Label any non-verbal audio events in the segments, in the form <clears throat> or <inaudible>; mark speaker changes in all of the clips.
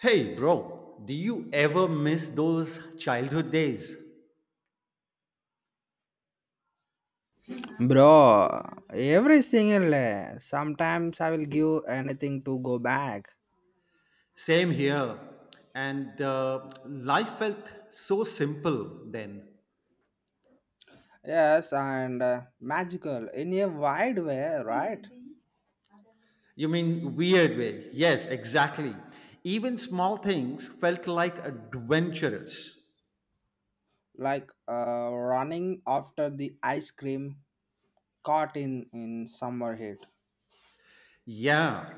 Speaker 1: Hey, bro, do you ever miss those childhood days?
Speaker 2: Bro, every single day. Sometimes I will give anything to go back.
Speaker 1: Same here. And Life felt so simple then.
Speaker 2: Yes, and magical in a wide way, right?
Speaker 1: You mean weird way? Yes, exactly. Even small things felt like adventurous.
Speaker 2: Like running after the ice cream caught in summer heat.
Speaker 1: Yeah.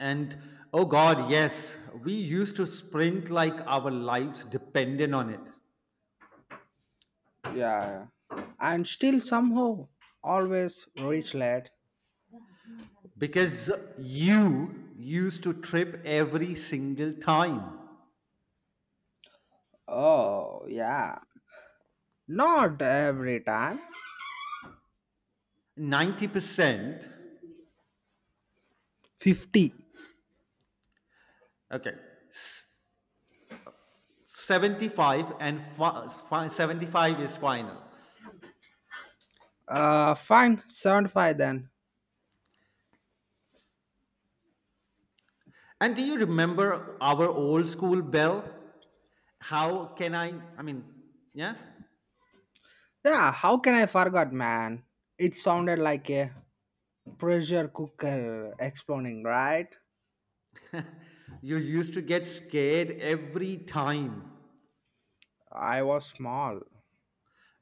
Speaker 1: And oh God, yes, we used to sprint like our lives depended on it
Speaker 2: Yeah, and still somehow always reach late.
Speaker 1: because you used to trip every single time.
Speaker 2: Oh yeah, not every time.
Speaker 1: 90%.
Speaker 2: 50.
Speaker 1: Okay. S- 75 and 75 is final.
Speaker 2: Fine, 75 then.
Speaker 1: And do you remember our old school bell? How can I? I mean, yeah?
Speaker 2: Yeah, how can I forget, man? It sounded like a pressure cooker exploding, right?
Speaker 1: You used to get scared every time.
Speaker 2: I was small.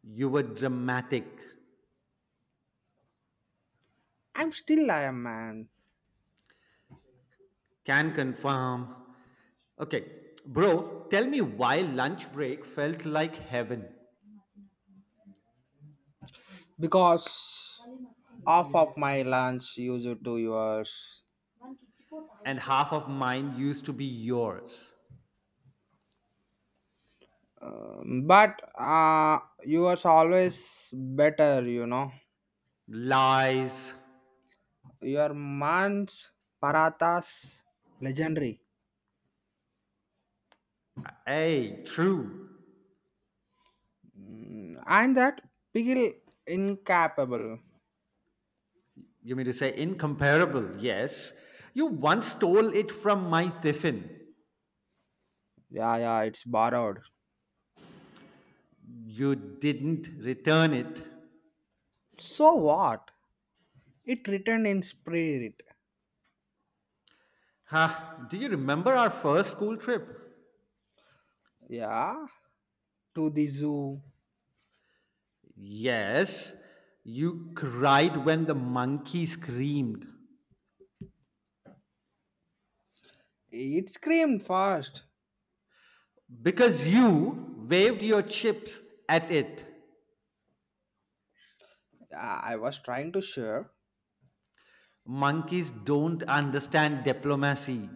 Speaker 1: You were dramatic.
Speaker 2: I'm still I am, man.
Speaker 1: Can confirm. Okay. Bro, tell me why lunch break felt like heaven
Speaker 2: Because half of my lunch used to yours.
Speaker 1: and half of mine used to be yours.
Speaker 2: But yours always better, you know.
Speaker 1: Lies.
Speaker 2: Your man's parathas legendary.
Speaker 1: Hey, true.
Speaker 2: And that pigil incapable.
Speaker 1: You mean to say incomparable? Yes. You once stole it from my tiffin.
Speaker 2: Yeah, yeah, it's borrowed.
Speaker 1: You didn't return it.
Speaker 2: So what? It returned in spirit.
Speaker 1: Ha! Do you remember our first school trip?
Speaker 2: Yeah, to the zoo.
Speaker 1: Yes. You cried when the monkey screamed
Speaker 2: It screamed fast.
Speaker 1: because you waved your chips at it.
Speaker 2: Yeah, I was trying to share.
Speaker 1: Monkeys don't understand diplomacy.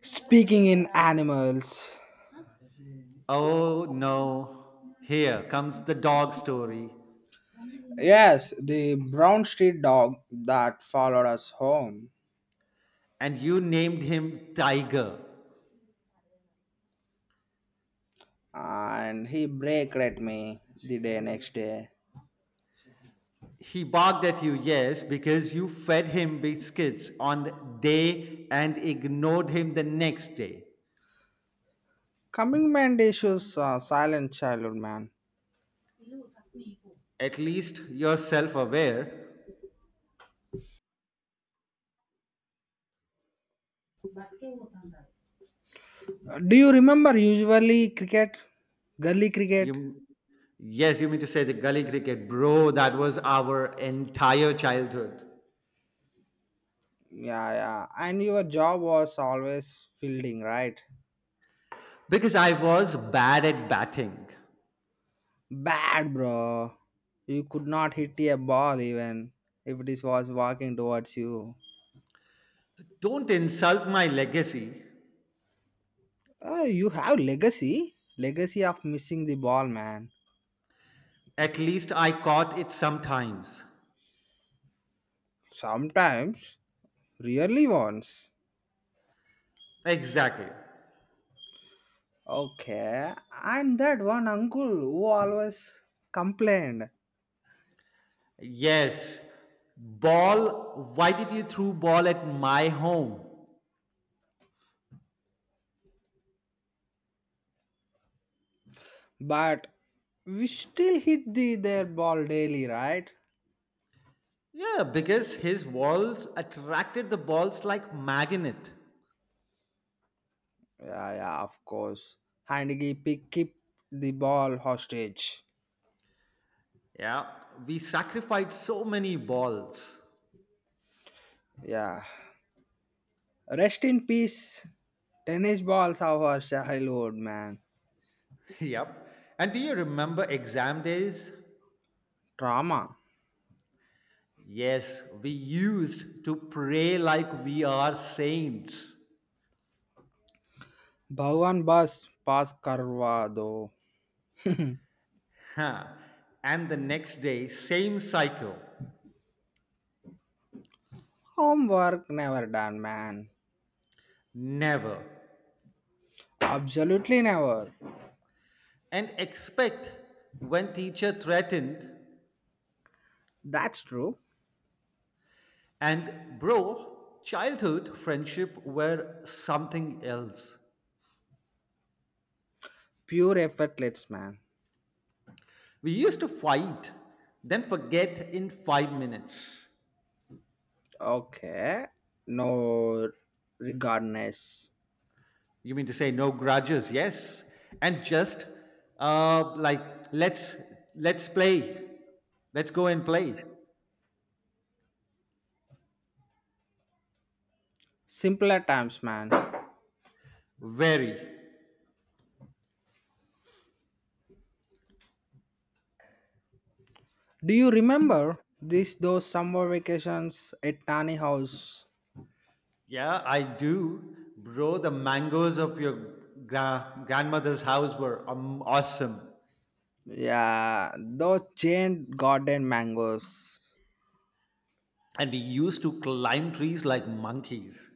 Speaker 2: Speaking in animals.
Speaker 1: Oh no. Here comes the dog story.
Speaker 2: Yes, the brown street dog that followed us home.
Speaker 1: And you named him Tiger.
Speaker 2: And he braked at me the day next day.
Speaker 1: He barked at you, yes, because you fed him biscuits on day and ignored him the next day.
Speaker 2: Coming man issues, silent childhood man.
Speaker 1: At least you're self aware.
Speaker 2: Do you remember usually cricket? Gully cricket?
Speaker 1: You, yes, you mean to say the gully cricket, bro, that was our entire childhood.
Speaker 2: Yeah, yeah. And your job was always fielding, right?
Speaker 1: Because I was bad at batting.
Speaker 2: Bad, bro. You could not hit a ball even if it was walking towards you.
Speaker 1: Don't insult my legacy.
Speaker 2: Oh, you have legacy. Legacy of missing the ball, man.
Speaker 1: At least I caught it sometimes.
Speaker 2: Sometimes. Really once.
Speaker 1: Exactly.
Speaker 2: Okay. And that one uncle who always complained.
Speaker 1: Yes. Ball, why did you throw ball at my home?
Speaker 2: But we still hit their ball daily, right?
Speaker 1: Yeah, because his walls attracted the balls like magnet.
Speaker 2: Yeah, yeah, of course. Heineke pick keep the ball hostage.
Speaker 1: Yeah, we sacrificed so many balls. <laughs>
Speaker 2: Yeah. Rest in peace. Tennis balls of our childhood, man.
Speaker 1: Yep. And do you remember exam days?
Speaker 2: Trauma.
Speaker 1: Yes, we used to pray like we are saints.
Speaker 2: Bhavan bus pass karwa do.
Speaker 1: Huh. And the next day, same cycle.
Speaker 2: Homework never done, man.
Speaker 1: Never.
Speaker 2: Absolutely never.
Speaker 1: And expect when teacher threatened.
Speaker 2: That's true.
Speaker 1: And bro, childhood friendship were something else.
Speaker 2: Pure effortless, man.
Speaker 1: We used to fight, then forget in 5 minutes.
Speaker 2: Okay. No regardless.
Speaker 1: You mean to say no grudges, yes, and just like let's let's play, let's go and play.
Speaker 2: Simpler times, man.
Speaker 1: Very,
Speaker 2: Do you remember this those summer vacations at Tani House?
Speaker 1: yeah, I do, bro. The mangoes of your grandmother's house were awesome,
Speaker 2: Yeah, those giant garden mangoes.
Speaker 1: and we used to climb trees like monkeys.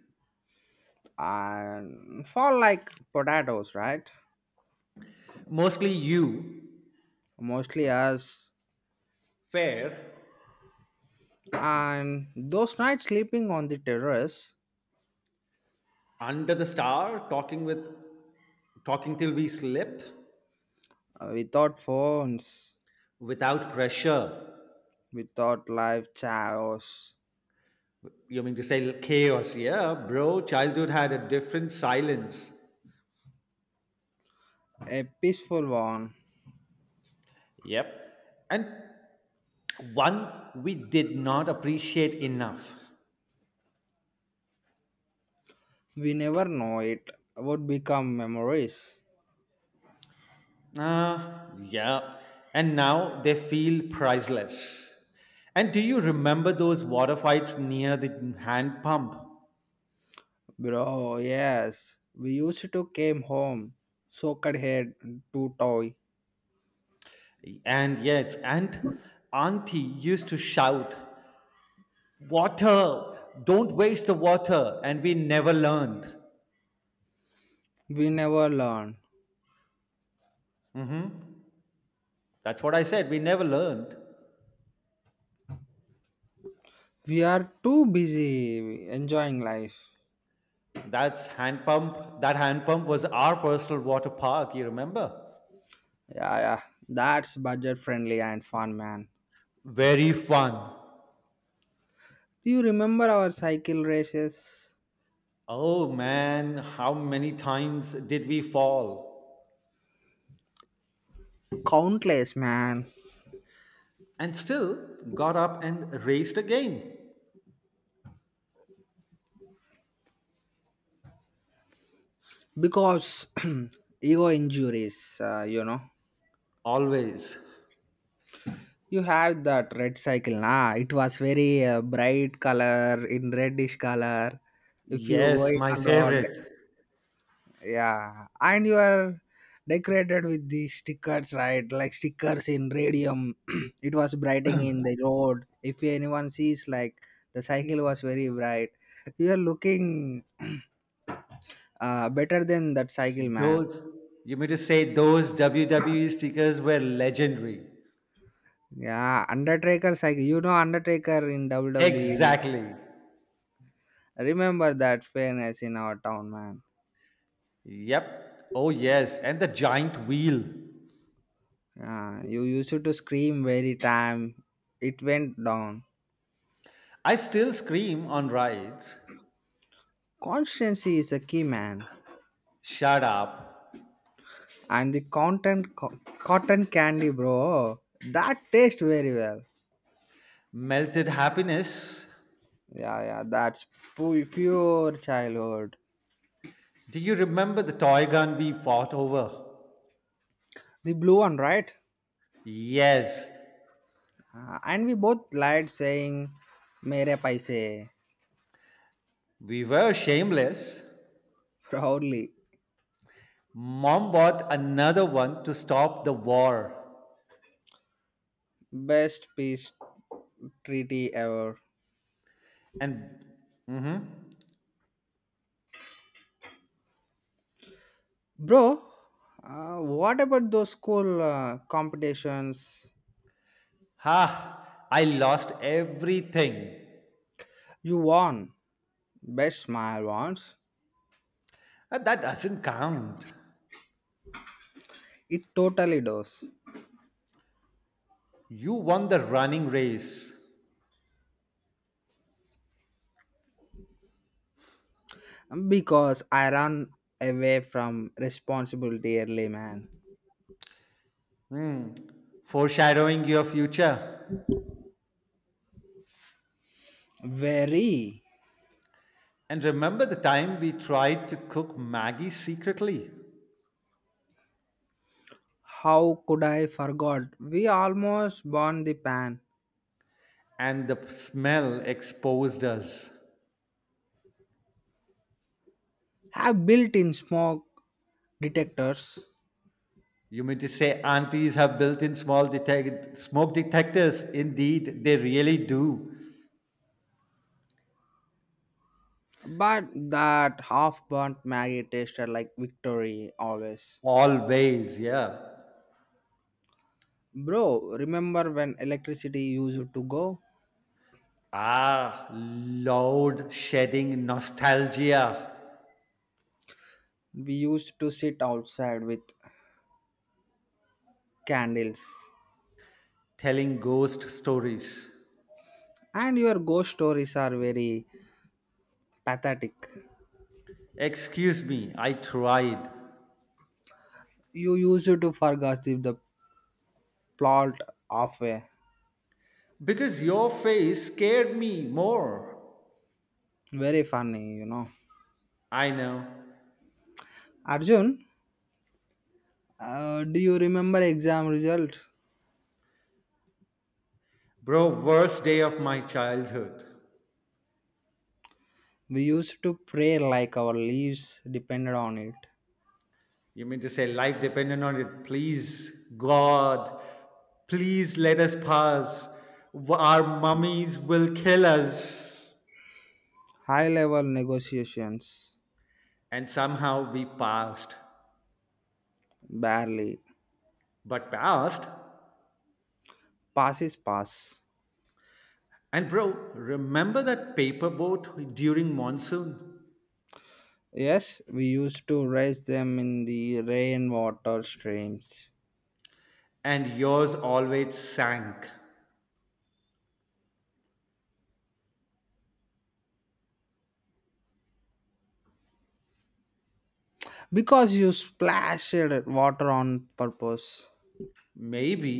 Speaker 2: And fall like potatoes, right?
Speaker 1: Mostly you,
Speaker 2: Mostly us.
Speaker 1: fair,
Speaker 2: And those nights sleeping on the terrace
Speaker 1: under the star, talking till we slept
Speaker 2: without phones,
Speaker 1: without pressure.
Speaker 2: without live chaos,
Speaker 1: You mean to say chaos? Yeah, bro. Childhood had a different silence.
Speaker 2: a peaceful one.
Speaker 1: Yep. And one we did not appreciate enough.
Speaker 2: We never know it would become memories.
Speaker 1: Ah, yeah. And now they feel priceless. And do you remember those water fights near the hand pump?
Speaker 2: Bro, yes, we used to came home, soaked head to toy.
Speaker 1: And yes, and Auntie used to shout, Water! Don't waste the water! And we never learned.
Speaker 2: We never learn.
Speaker 1: Mhm. That's what I said. We never learned.
Speaker 2: We are too busy enjoying life.
Speaker 1: That's hand pump. That hand pump was our personal water park. You remember?
Speaker 2: Yeah, yeah. That's budget friendly and fun, man.
Speaker 1: Very fun.
Speaker 2: Do you remember our cycle races?
Speaker 1: Oh man, how many times did we fall?
Speaker 2: Countless, man.
Speaker 1: And still got up and raced again.
Speaker 2: Because <clears throat> ego injuries, you know.
Speaker 1: Always.
Speaker 2: You had that red cycle, nah? It was very bright color, in reddish color. If you
Speaker 1: Yes,
Speaker 2: going
Speaker 1: my
Speaker 2: on road,
Speaker 1: favorite.
Speaker 2: yeah, and you are decorated with these stickers, right, like stickers in radium. <clears throat> It was brightening in the road if anyone sees like the cycle was very bright. <laughs> You are looking <clears throat> better than that cycle, man.
Speaker 1: Those, you mean to say those WWE stickers were legendary?
Speaker 2: Yeah, undertaker cycle, undertaker in WWE.
Speaker 1: Exactly.
Speaker 2: Remember that fairness in our town, man.
Speaker 1: Yep. Oh, yes. And the giant wheel.
Speaker 2: Yeah, you used to scream very time it went down.
Speaker 1: I still scream on rides,
Speaker 2: Constancy is a key, man.
Speaker 1: shut up,
Speaker 2: And the content cotton candy, bro, that tastes very well.
Speaker 1: melted happiness.
Speaker 2: Yeah, yeah, that's pure childhood.
Speaker 1: Do you remember the toy gun we fought over?
Speaker 2: The blue one, right?
Speaker 1: Yes,
Speaker 2: And we both lied saying mere paise
Speaker 1: we were shameless.
Speaker 2: proudly.
Speaker 1: Mom bought another one to stop the war.
Speaker 2: Best peace treaty ever.
Speaker 1: And, mm-hmm,
Speaker 2: Bro, what about those school competitions?
Speaker 1: ha, I lost everything.
Speaker 2: You won best smile once.
Speaker 1: And that doesn't count.
Speaker 2: It totally does.
Speaker 1: You won the running race.
Speaker 2: Because I ran away from responsibility early, man.
Speaker 1: Hmm, foreshadowing your future.
Speaker 2: Very.
Speaker 1: And remember the time we tried to cook Maggie secretly
Speaker 2: How could I forgot? We almost burned the pan.
Speaker 1: and the smell exposed us.
Speaker 2: Have built-in smoke detectors,
Speaker 1: You mean to say aunties have built in smoke detectors? Indeed, they really do.
Speaker 2: but that half-burnt Maggie tasted like victory always.
Speaker 1: Always, yeah.
Speaker 2: Bro, remember when electricity used to go?
Speaker 1: Ah, loud shedding nostalgia,
Speaker 2: We used to sit outside with candles.
Speaker 1: telling ghost stories.
Speaker 2: And your ghost stories are very pathetic.
Speaker 1: Excuse me, I tried.
Speaker 2: You used to forget if the plot of a
Speaker 1: Because your face scared me more.
Speaker 2: very funny.
Speaker 1: I know.
Speaker 2: Arjun, do you remember exam result?
Speaker 1: Bro, worst day of my childhood.
Speaker 2: We used to pray like our lives depended on it.
Speaker 1: You mean to say life dependent on it? Please, God, please let us pass. Our mummies will kill us.
Speaker 2: High level negotiations,
Speaker 1: And somehow we passed.
Speaker 2: barely.
Speaker 1: But passed?
Speaker 2: Passes pass.
Speaker 1: And bro, remember that paper boat during monsoon?
Speaker 2: Yes, we used to raise them in the rainwater streams.
Speaker 1: And yours always sank.
Speaker 2: Because you splashed water on purpose.
Speaker 1: Maybe.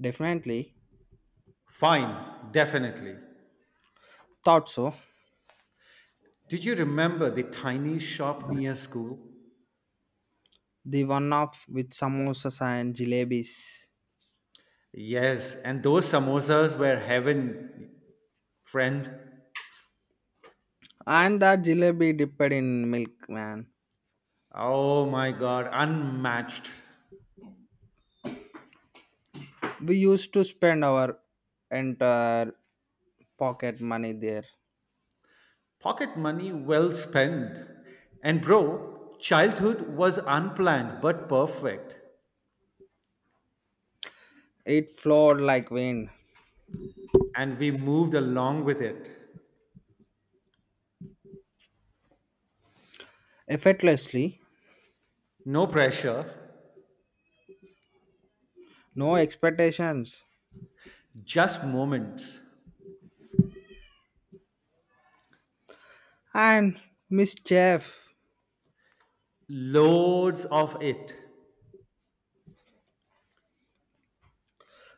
Speaker 2: Definitely.
Speaker 1: Fine, definitely.
Speaker 2: Thought so.
Speaker 1: Did you remember the tiny shop near school?
Speaker 2: The one off with samosas and jalebis.
Speaker 1: Yes, and those samosas were heaven, friend.
Speaker 2: And that jalebi dipped in milk, man.
Speaker 1: Oh my God, unmatched.
Speaker 2: We used to spend our entire pocket money there.
Speaker 1: Pocket money well spent. And bro, childhood was unplanned but perfect.
Speaker 2: It flowed like wind,
Speaker 1: And we moved along with it.
Speaker 2: effortlessly,
Speaker 1: No pressure,
Speaker 2: no expectations.
Speaker 1: just moments.
Speaker 2: And Miss Chef,
Speaker 1: Loads of it.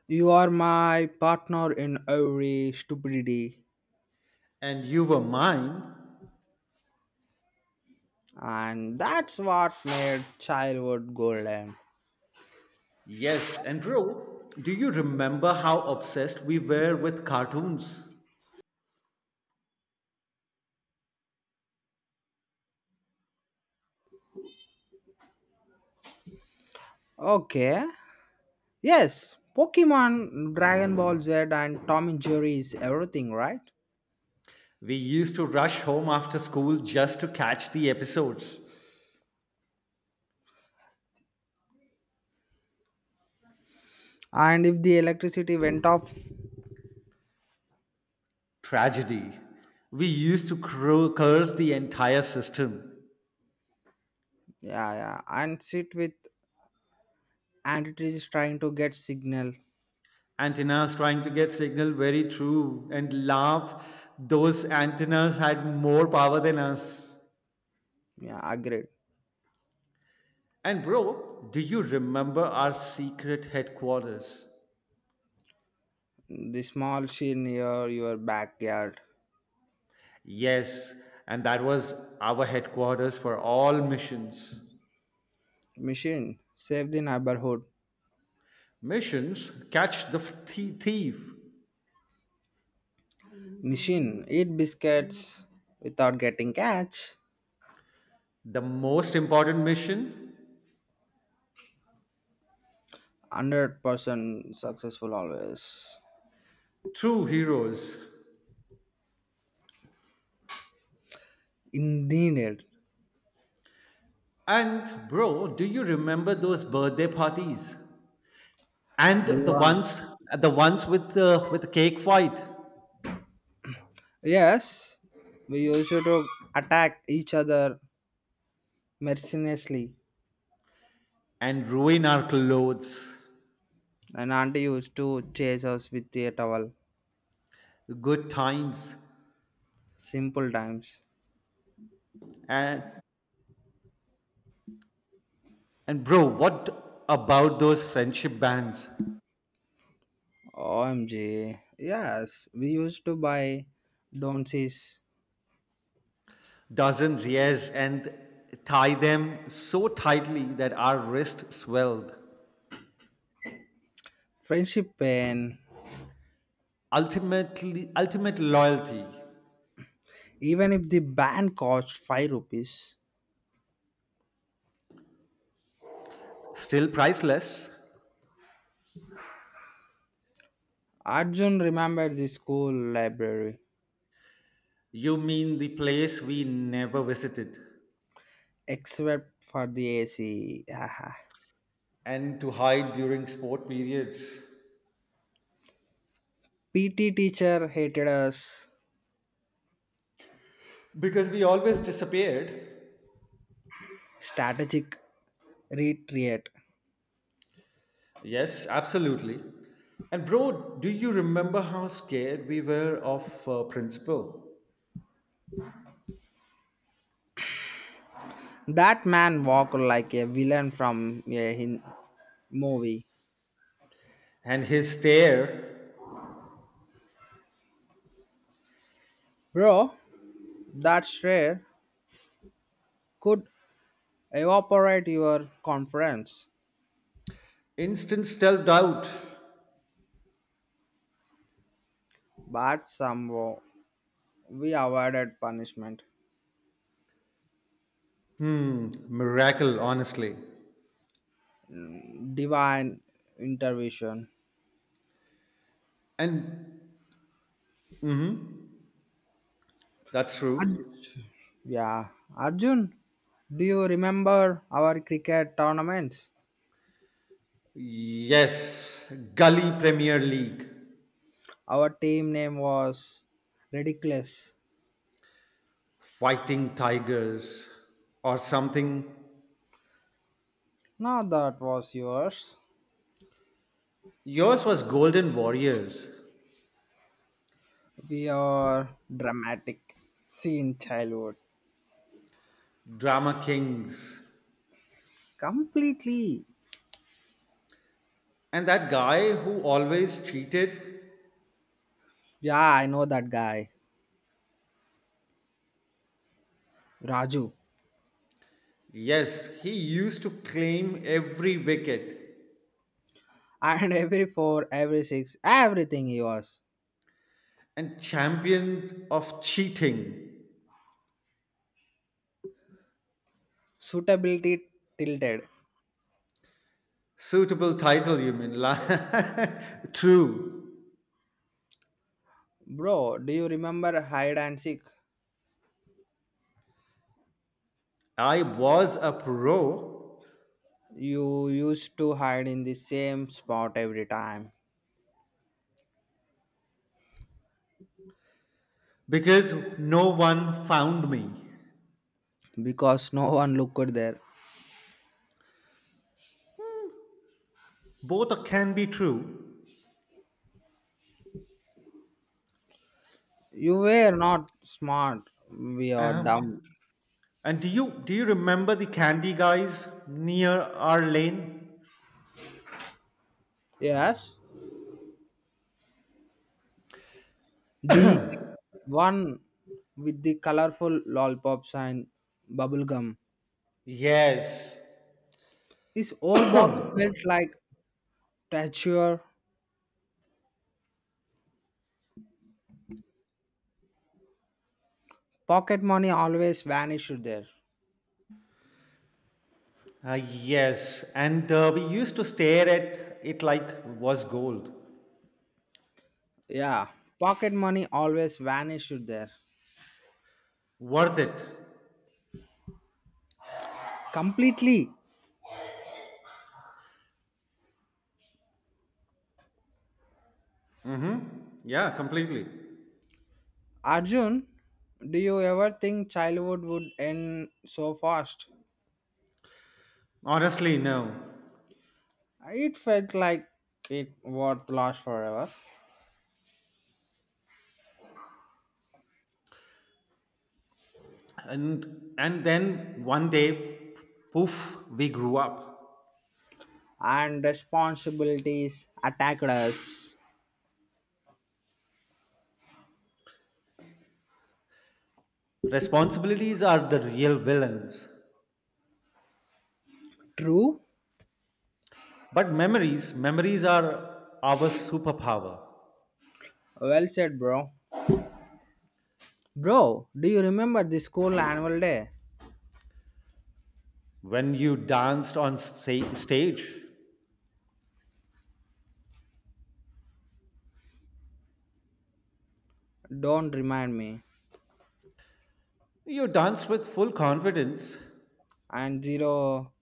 Speaker 2: you are my partner in every stupidity.
Speaker 1: And you were mine.
Speaker 2: And that's what made childhood golden.
Speaker 1: Yes, and bro, do you remember how obsessed we were with cartoons?
Speaker 2: Okay. Yes, Pokemon, Dragon Ball Z, and Tom and Jerry is everything, right?
Speaker 1: We used to rush home after school just to catch the episodes.
Speaker 2: And if the electricity went off,
Speaker 1: Tragedy. We used to curse the entire system.
Speaker 2: yeah, yeah, and sit with and it is trying to get signal.
Speaker 1: Antennas trying to get signal very true and laugh. Those antennas had more power than us.
Speaker 2: Yeah, agreed.
Speaker 1: And bro, do you remember our secret headquarters?
Speaker 2: The small machine near your backyard.
Speaker 1: Yes, and that was our headquarters for all missions.
Speaker 2: Machine save the neighborhood.
Speaker 1: Missions catch the thief.
Speaker 2: Machine eat biscuits without getting catch.
Speaker 1: The most important mission
Speaker 2: 100% successful always.
Speaker 1: true heroes.
Speaker 2: Indeed,
Speaker 1: And bro, do you remember those birthday parties? And
Speaker 2: the
Speaker 1: the
Speaker 2: one,
Speaker 1: ones The ones with the cake fight
Speaker 2: yes, we used to attack each other mercilessly.
Speaker 1: and ruin our clothes.
Speaker 2: And auntie used to chase us with a towel.
Speaker 1: Good times.
Speaker 2: Simple times.
Speaker 1: And and bro, what about those friendship bands?
Speaker 2: OMG. Yes, we used to buy Don'sys
Speaker 1: Dozens, yes, and tie them so tightly that our wrist swelled.
Speaker 2: friendship pen.
Speaker 1: Ultimate loyalty.
Speaker 2: Even if the band cost 5 rupees.
Speaker 1: Still priceless?
Speaker 2: Arjun remembered the school library,
Speaker 1: You mean the place we never visited?
Speaker 2: except for the AC. Haha.
Speaker 1: And to hide during sport periods
Speaker 2: PT teacher hated us.
Speaker 1: because we always disappeared.
Speaker 2: Strategic retreat.
Speaker 1: Yes, absolutely. And bro, do you remember how scared we were of principal
Speaker 2: That man walked like a villain from a movie.
Speaker 1: and his stare,
Speaker 2: Bro, that's rare. Could evaporate your conference,
Speaker 1: instant self doubt.
Speaker 2: but somehow we avoided punishment.
Speaker 1: Hmm, miracle, honestly.
Speaker 2: Divine intervention.
Speaker 1: And mm-hmm, that's true.
Speaker 2: Arj- yeah, Arjun, do you remember our cricket tournaments?
Speaker 1: Yes, Gully Premier League,
Speaker 2: Our team name was ridiculous.
Speaker 1: Fighting Tigers, or something.
Speaker 2: Now that was yours.
Speaker 1: Yours was Golden Warriors.
Speaker 2: We are dramatic. Scene childhood.
Speaker 1: Drama kings.
Speaker 2: Completely.
Speaker 1: And that guy who always cheated,
Speaker 2: Yeah, I know that guy. Raju.
Speaker 1: yes, he used to claim every wicket
Speaker 2: And <laughs> every four, every six, everything he was.
Speaker 1: and champion of cheating.
Speaker 2: Suitability tilted.
Speaker 1: Suitable title, you mean? <laughs> True.
Speaker 2: Bro, do you remember hide and seek?
Speaker 1: I was a pro
Speaker 2: You used to hide in the same spot every time
Speaker 1: because no one found me.
Speaker 2: because no <laughs> one looked there.
Speaker 1: Both can be true.
Speaker 2: You were not smart, we are
Speaker 1: Um,
Speaker 2: dumb.
Speaker 1: and do you remember the candy guys near our lane?
Speaker 2: Yes, the one with the colorful lollipops and bubble gum.
Speaker 1: Yes,
Speaker 2: His old box felt like treasure. Pocket money always vanished there.
Speaker 1: Yes, and we used to stare at it like was gold.
Speaker 2: Yeah, pocket money always vanished there.
Speaker 1: Worth it.
Speaker 2: Completely.
Speaker 1: Mm-hmm. Yeah, completely.
Speaker 2: Arjun, do you ever think childhood would end so fast?
Speaker 1: Honestly, no.
Speaker 2: It felt like it was lost forever.
Speaker 1: And then one day, poof, we grew up.
Speaker 2: And responsibilities attacked us.
Speaker 1: Responsibilities are the real villains.
Speaker 2: True?
Speaker 1: But memories are our superpower.
Speaker 2: Well said, bro. Bro, do you remember the school annual day?
Speaker 1: When you danced on stage,
Speaker 2: Don't remind me.
Speaker 1: you danced with full confidence,
Speaker 2: And zero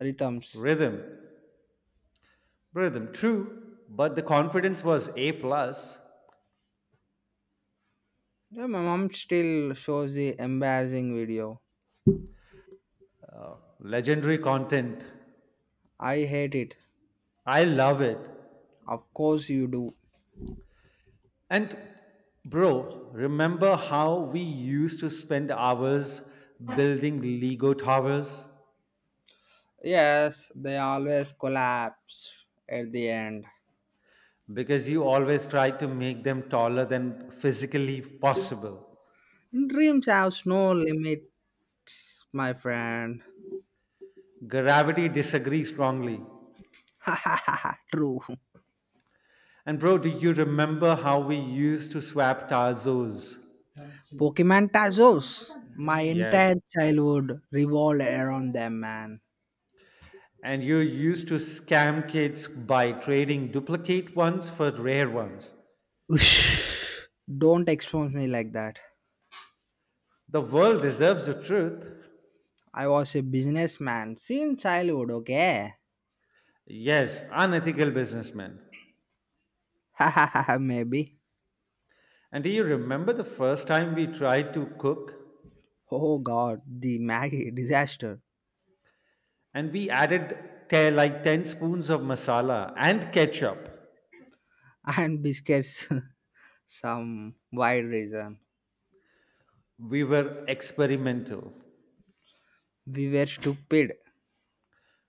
Speaker 2: rhythms.
Speaker 1: rhythm, rhythm, true, but the confidence was A plus.
Speaker 2: Yeah, my mom still shows the embarrassing video.
Speaker 1: Uh, legendary content.
Speaker 2: I hate it.
Speaker 1: I love it.
Speaker 2: Of course you do.
Speaker 1: And bro, remember how we used to spend hours building Lego towers?
Speaker 2: Yes, they always collapse at the end.
Speaker 1: Because you always tried to make them taller than physically possible.
Speaker 2: Dreams have no limits, my friend.
Speaker 1: Gravity disagrees strongly.
Speaker 2: <laughs> True.
Speaker 1: And bro, do you remember how we used to swap Tarzos?
Speaker 2: Pokemon Tazos. My entire
Speaker 1: Yes.
Speaker 2: childhood revolved around them, man.
Speaker 1: And you used to scam kids by trading duplicate ones for rare ones.
Speaker 2: Ush. Don't expose me like that.
Speaker 1: The world deserves the truth.
Speaker 2: I was a businessman since childhood, okay?
Speaker 1: Yes, unethical businessmen.
Speaker 2: <laughs> Maybe.
Speaker 1: And do you remember the first time we tried to cook
Speaker 2: Oh god, the Maggie disaster
Speaker 1: and we added like 10 spoons of masala and ketchup?
Speaker 2: and biscuits. <laughs> Some wide reason.
Speaker 1: We were experimental.
Speaker 2: We were stupid.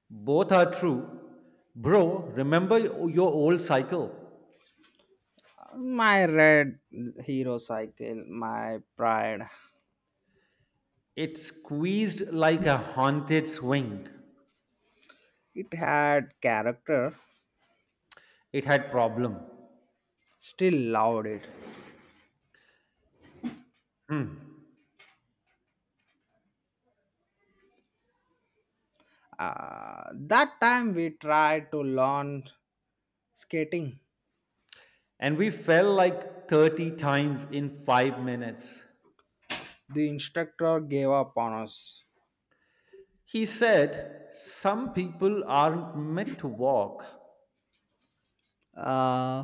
Speaker 1: Both are true. Bro, remember your old cycle?
Speaker 2: My red hero cycle, my pride.
Speaker 1: It squeezed like a haunted swing.
Speaker 2: It had character,
Speaker 1: It had problem.
Speaker 2: still loved it.
Speaker 1: Hmm.
Speaker 2: That time we tried to learn skating.
Speaker 1: And we fell like 30 times in 5 minutes.
Speaker 2: The instructor gave up on us.
Speaker 1: He said, Some people aren't meant to walk.
Speaker 2: Uh,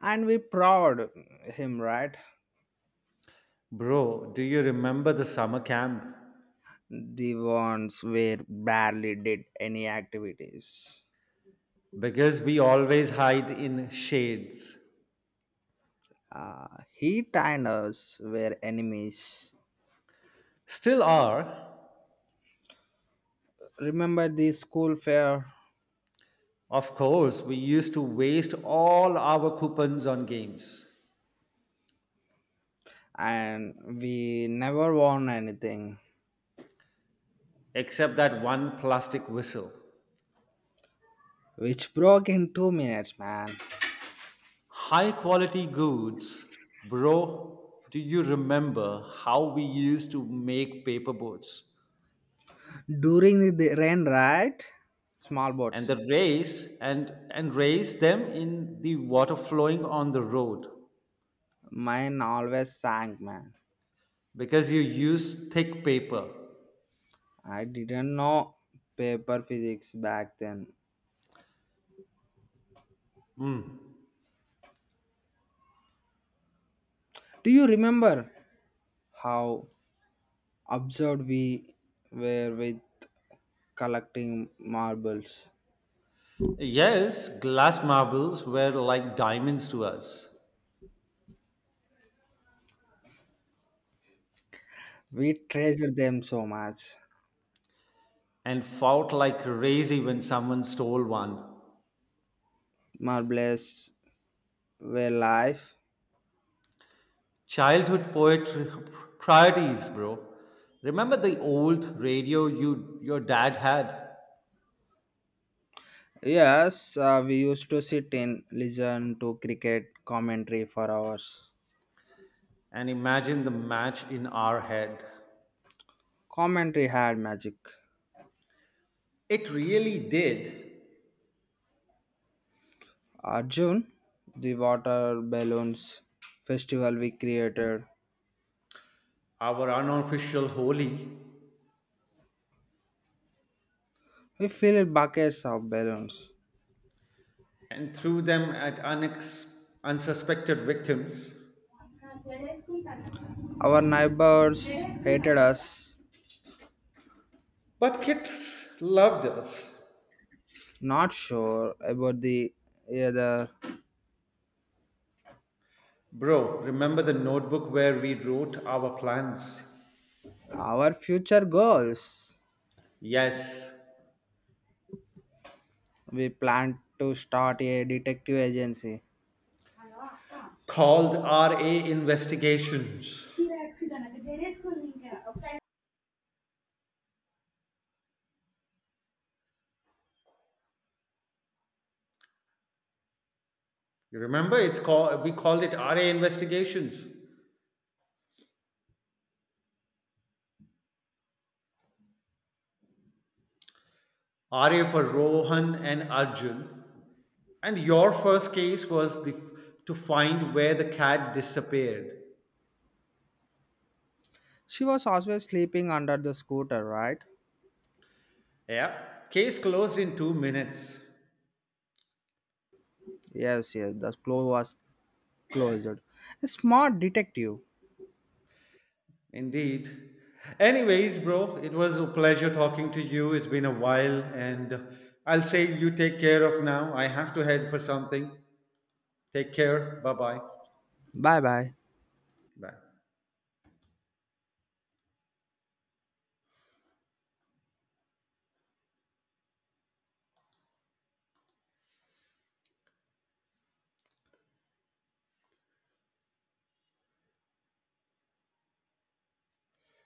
Speaker 2: and we proud him, right?
Speaker 1: Bro, do you remember the summer camp?
Speaker 2: The ones where barely did any activities.
Speaker 1: Because we always hide in shades.
Speaker 2: Uh, he and us were enemies.
Speaker 1: Still are.
Speaker 2: Remember the school fair?
Speaker 1: Of course, we used to waste all our coupons on games,
Speaker 2: And we never won anything,
Speaker 1: except that one plastic whistle.
Speaker 2: which broke in 2 minutes, man.
Speaker 1: High quality goods, bro. Do you remember how we used to make paper boats?
Speaker 2: During the rain, right? Small
Speaker 1: And
Speaker 2: boats.
Speaker 1: the race and raise them in the water flowing on the road
Speaker 2: Mine always sank, man.
Speaker 1: because you use thick paper.
Speaker 2: I didn't know paper physics back then.
Speaker 1: Mm.
Speaker 2: Do you remember how absurd we were with collecting marbles?
Speaker 1: Yes, glass marbles were like diamonds to us
Speaker 2: We treasured them so much.
Speaker 1: and fought like crazy when someone stole one.
Speaker 2: Marbles were life.
Speaker 1: Childhood poetry priorities, bro. Remember the old radio your dad had
Speaker 2: Yes, we used to sit and listen to cricket commentary for hours.
Speaker 1: and imagine the match in our head.
Speaker 2: Commentary had magic.
Speaker 1: It really did
Speaker 2: Arjun, the water balloons festival we created.
Speaker 1: our unofficial holy
Speaker 2: We filled buckets of balloons.
Speaker 1: and threw them at unsuspected victims.
Speaker 2: Our neighbors hated us,
Speaker 1: But kids loved us.
Speaker 2: not sure about the either.
Speaker 1: Bro, remember the notebook where we wrote our plans?
Speaker 2: Our future goals.
Speaker 1: Yes,
Speaker 2: We planned to start a detective agency.
Speaker 1: called RA Investigations. You remember it's called We called it RA Investigations. RA for Rohan and Arjun. And your first case was the to find where the cat disappeared.
Speaker 2: She was always sleeping under the scooter, right?
Speaker 1: Yeah, case closed in 2 minutes.
Speaker 2: Yes, yes, the floor was closed. A smart detective.
Speaker 1: Indeed. Anyways, bro, it was a pleasure talking to you. It's been a while, and I'll say you take care of now. I have to head for something. Take care. Bye-bye.
Speaker 2: Bye bye.
Speaker 1: Bye.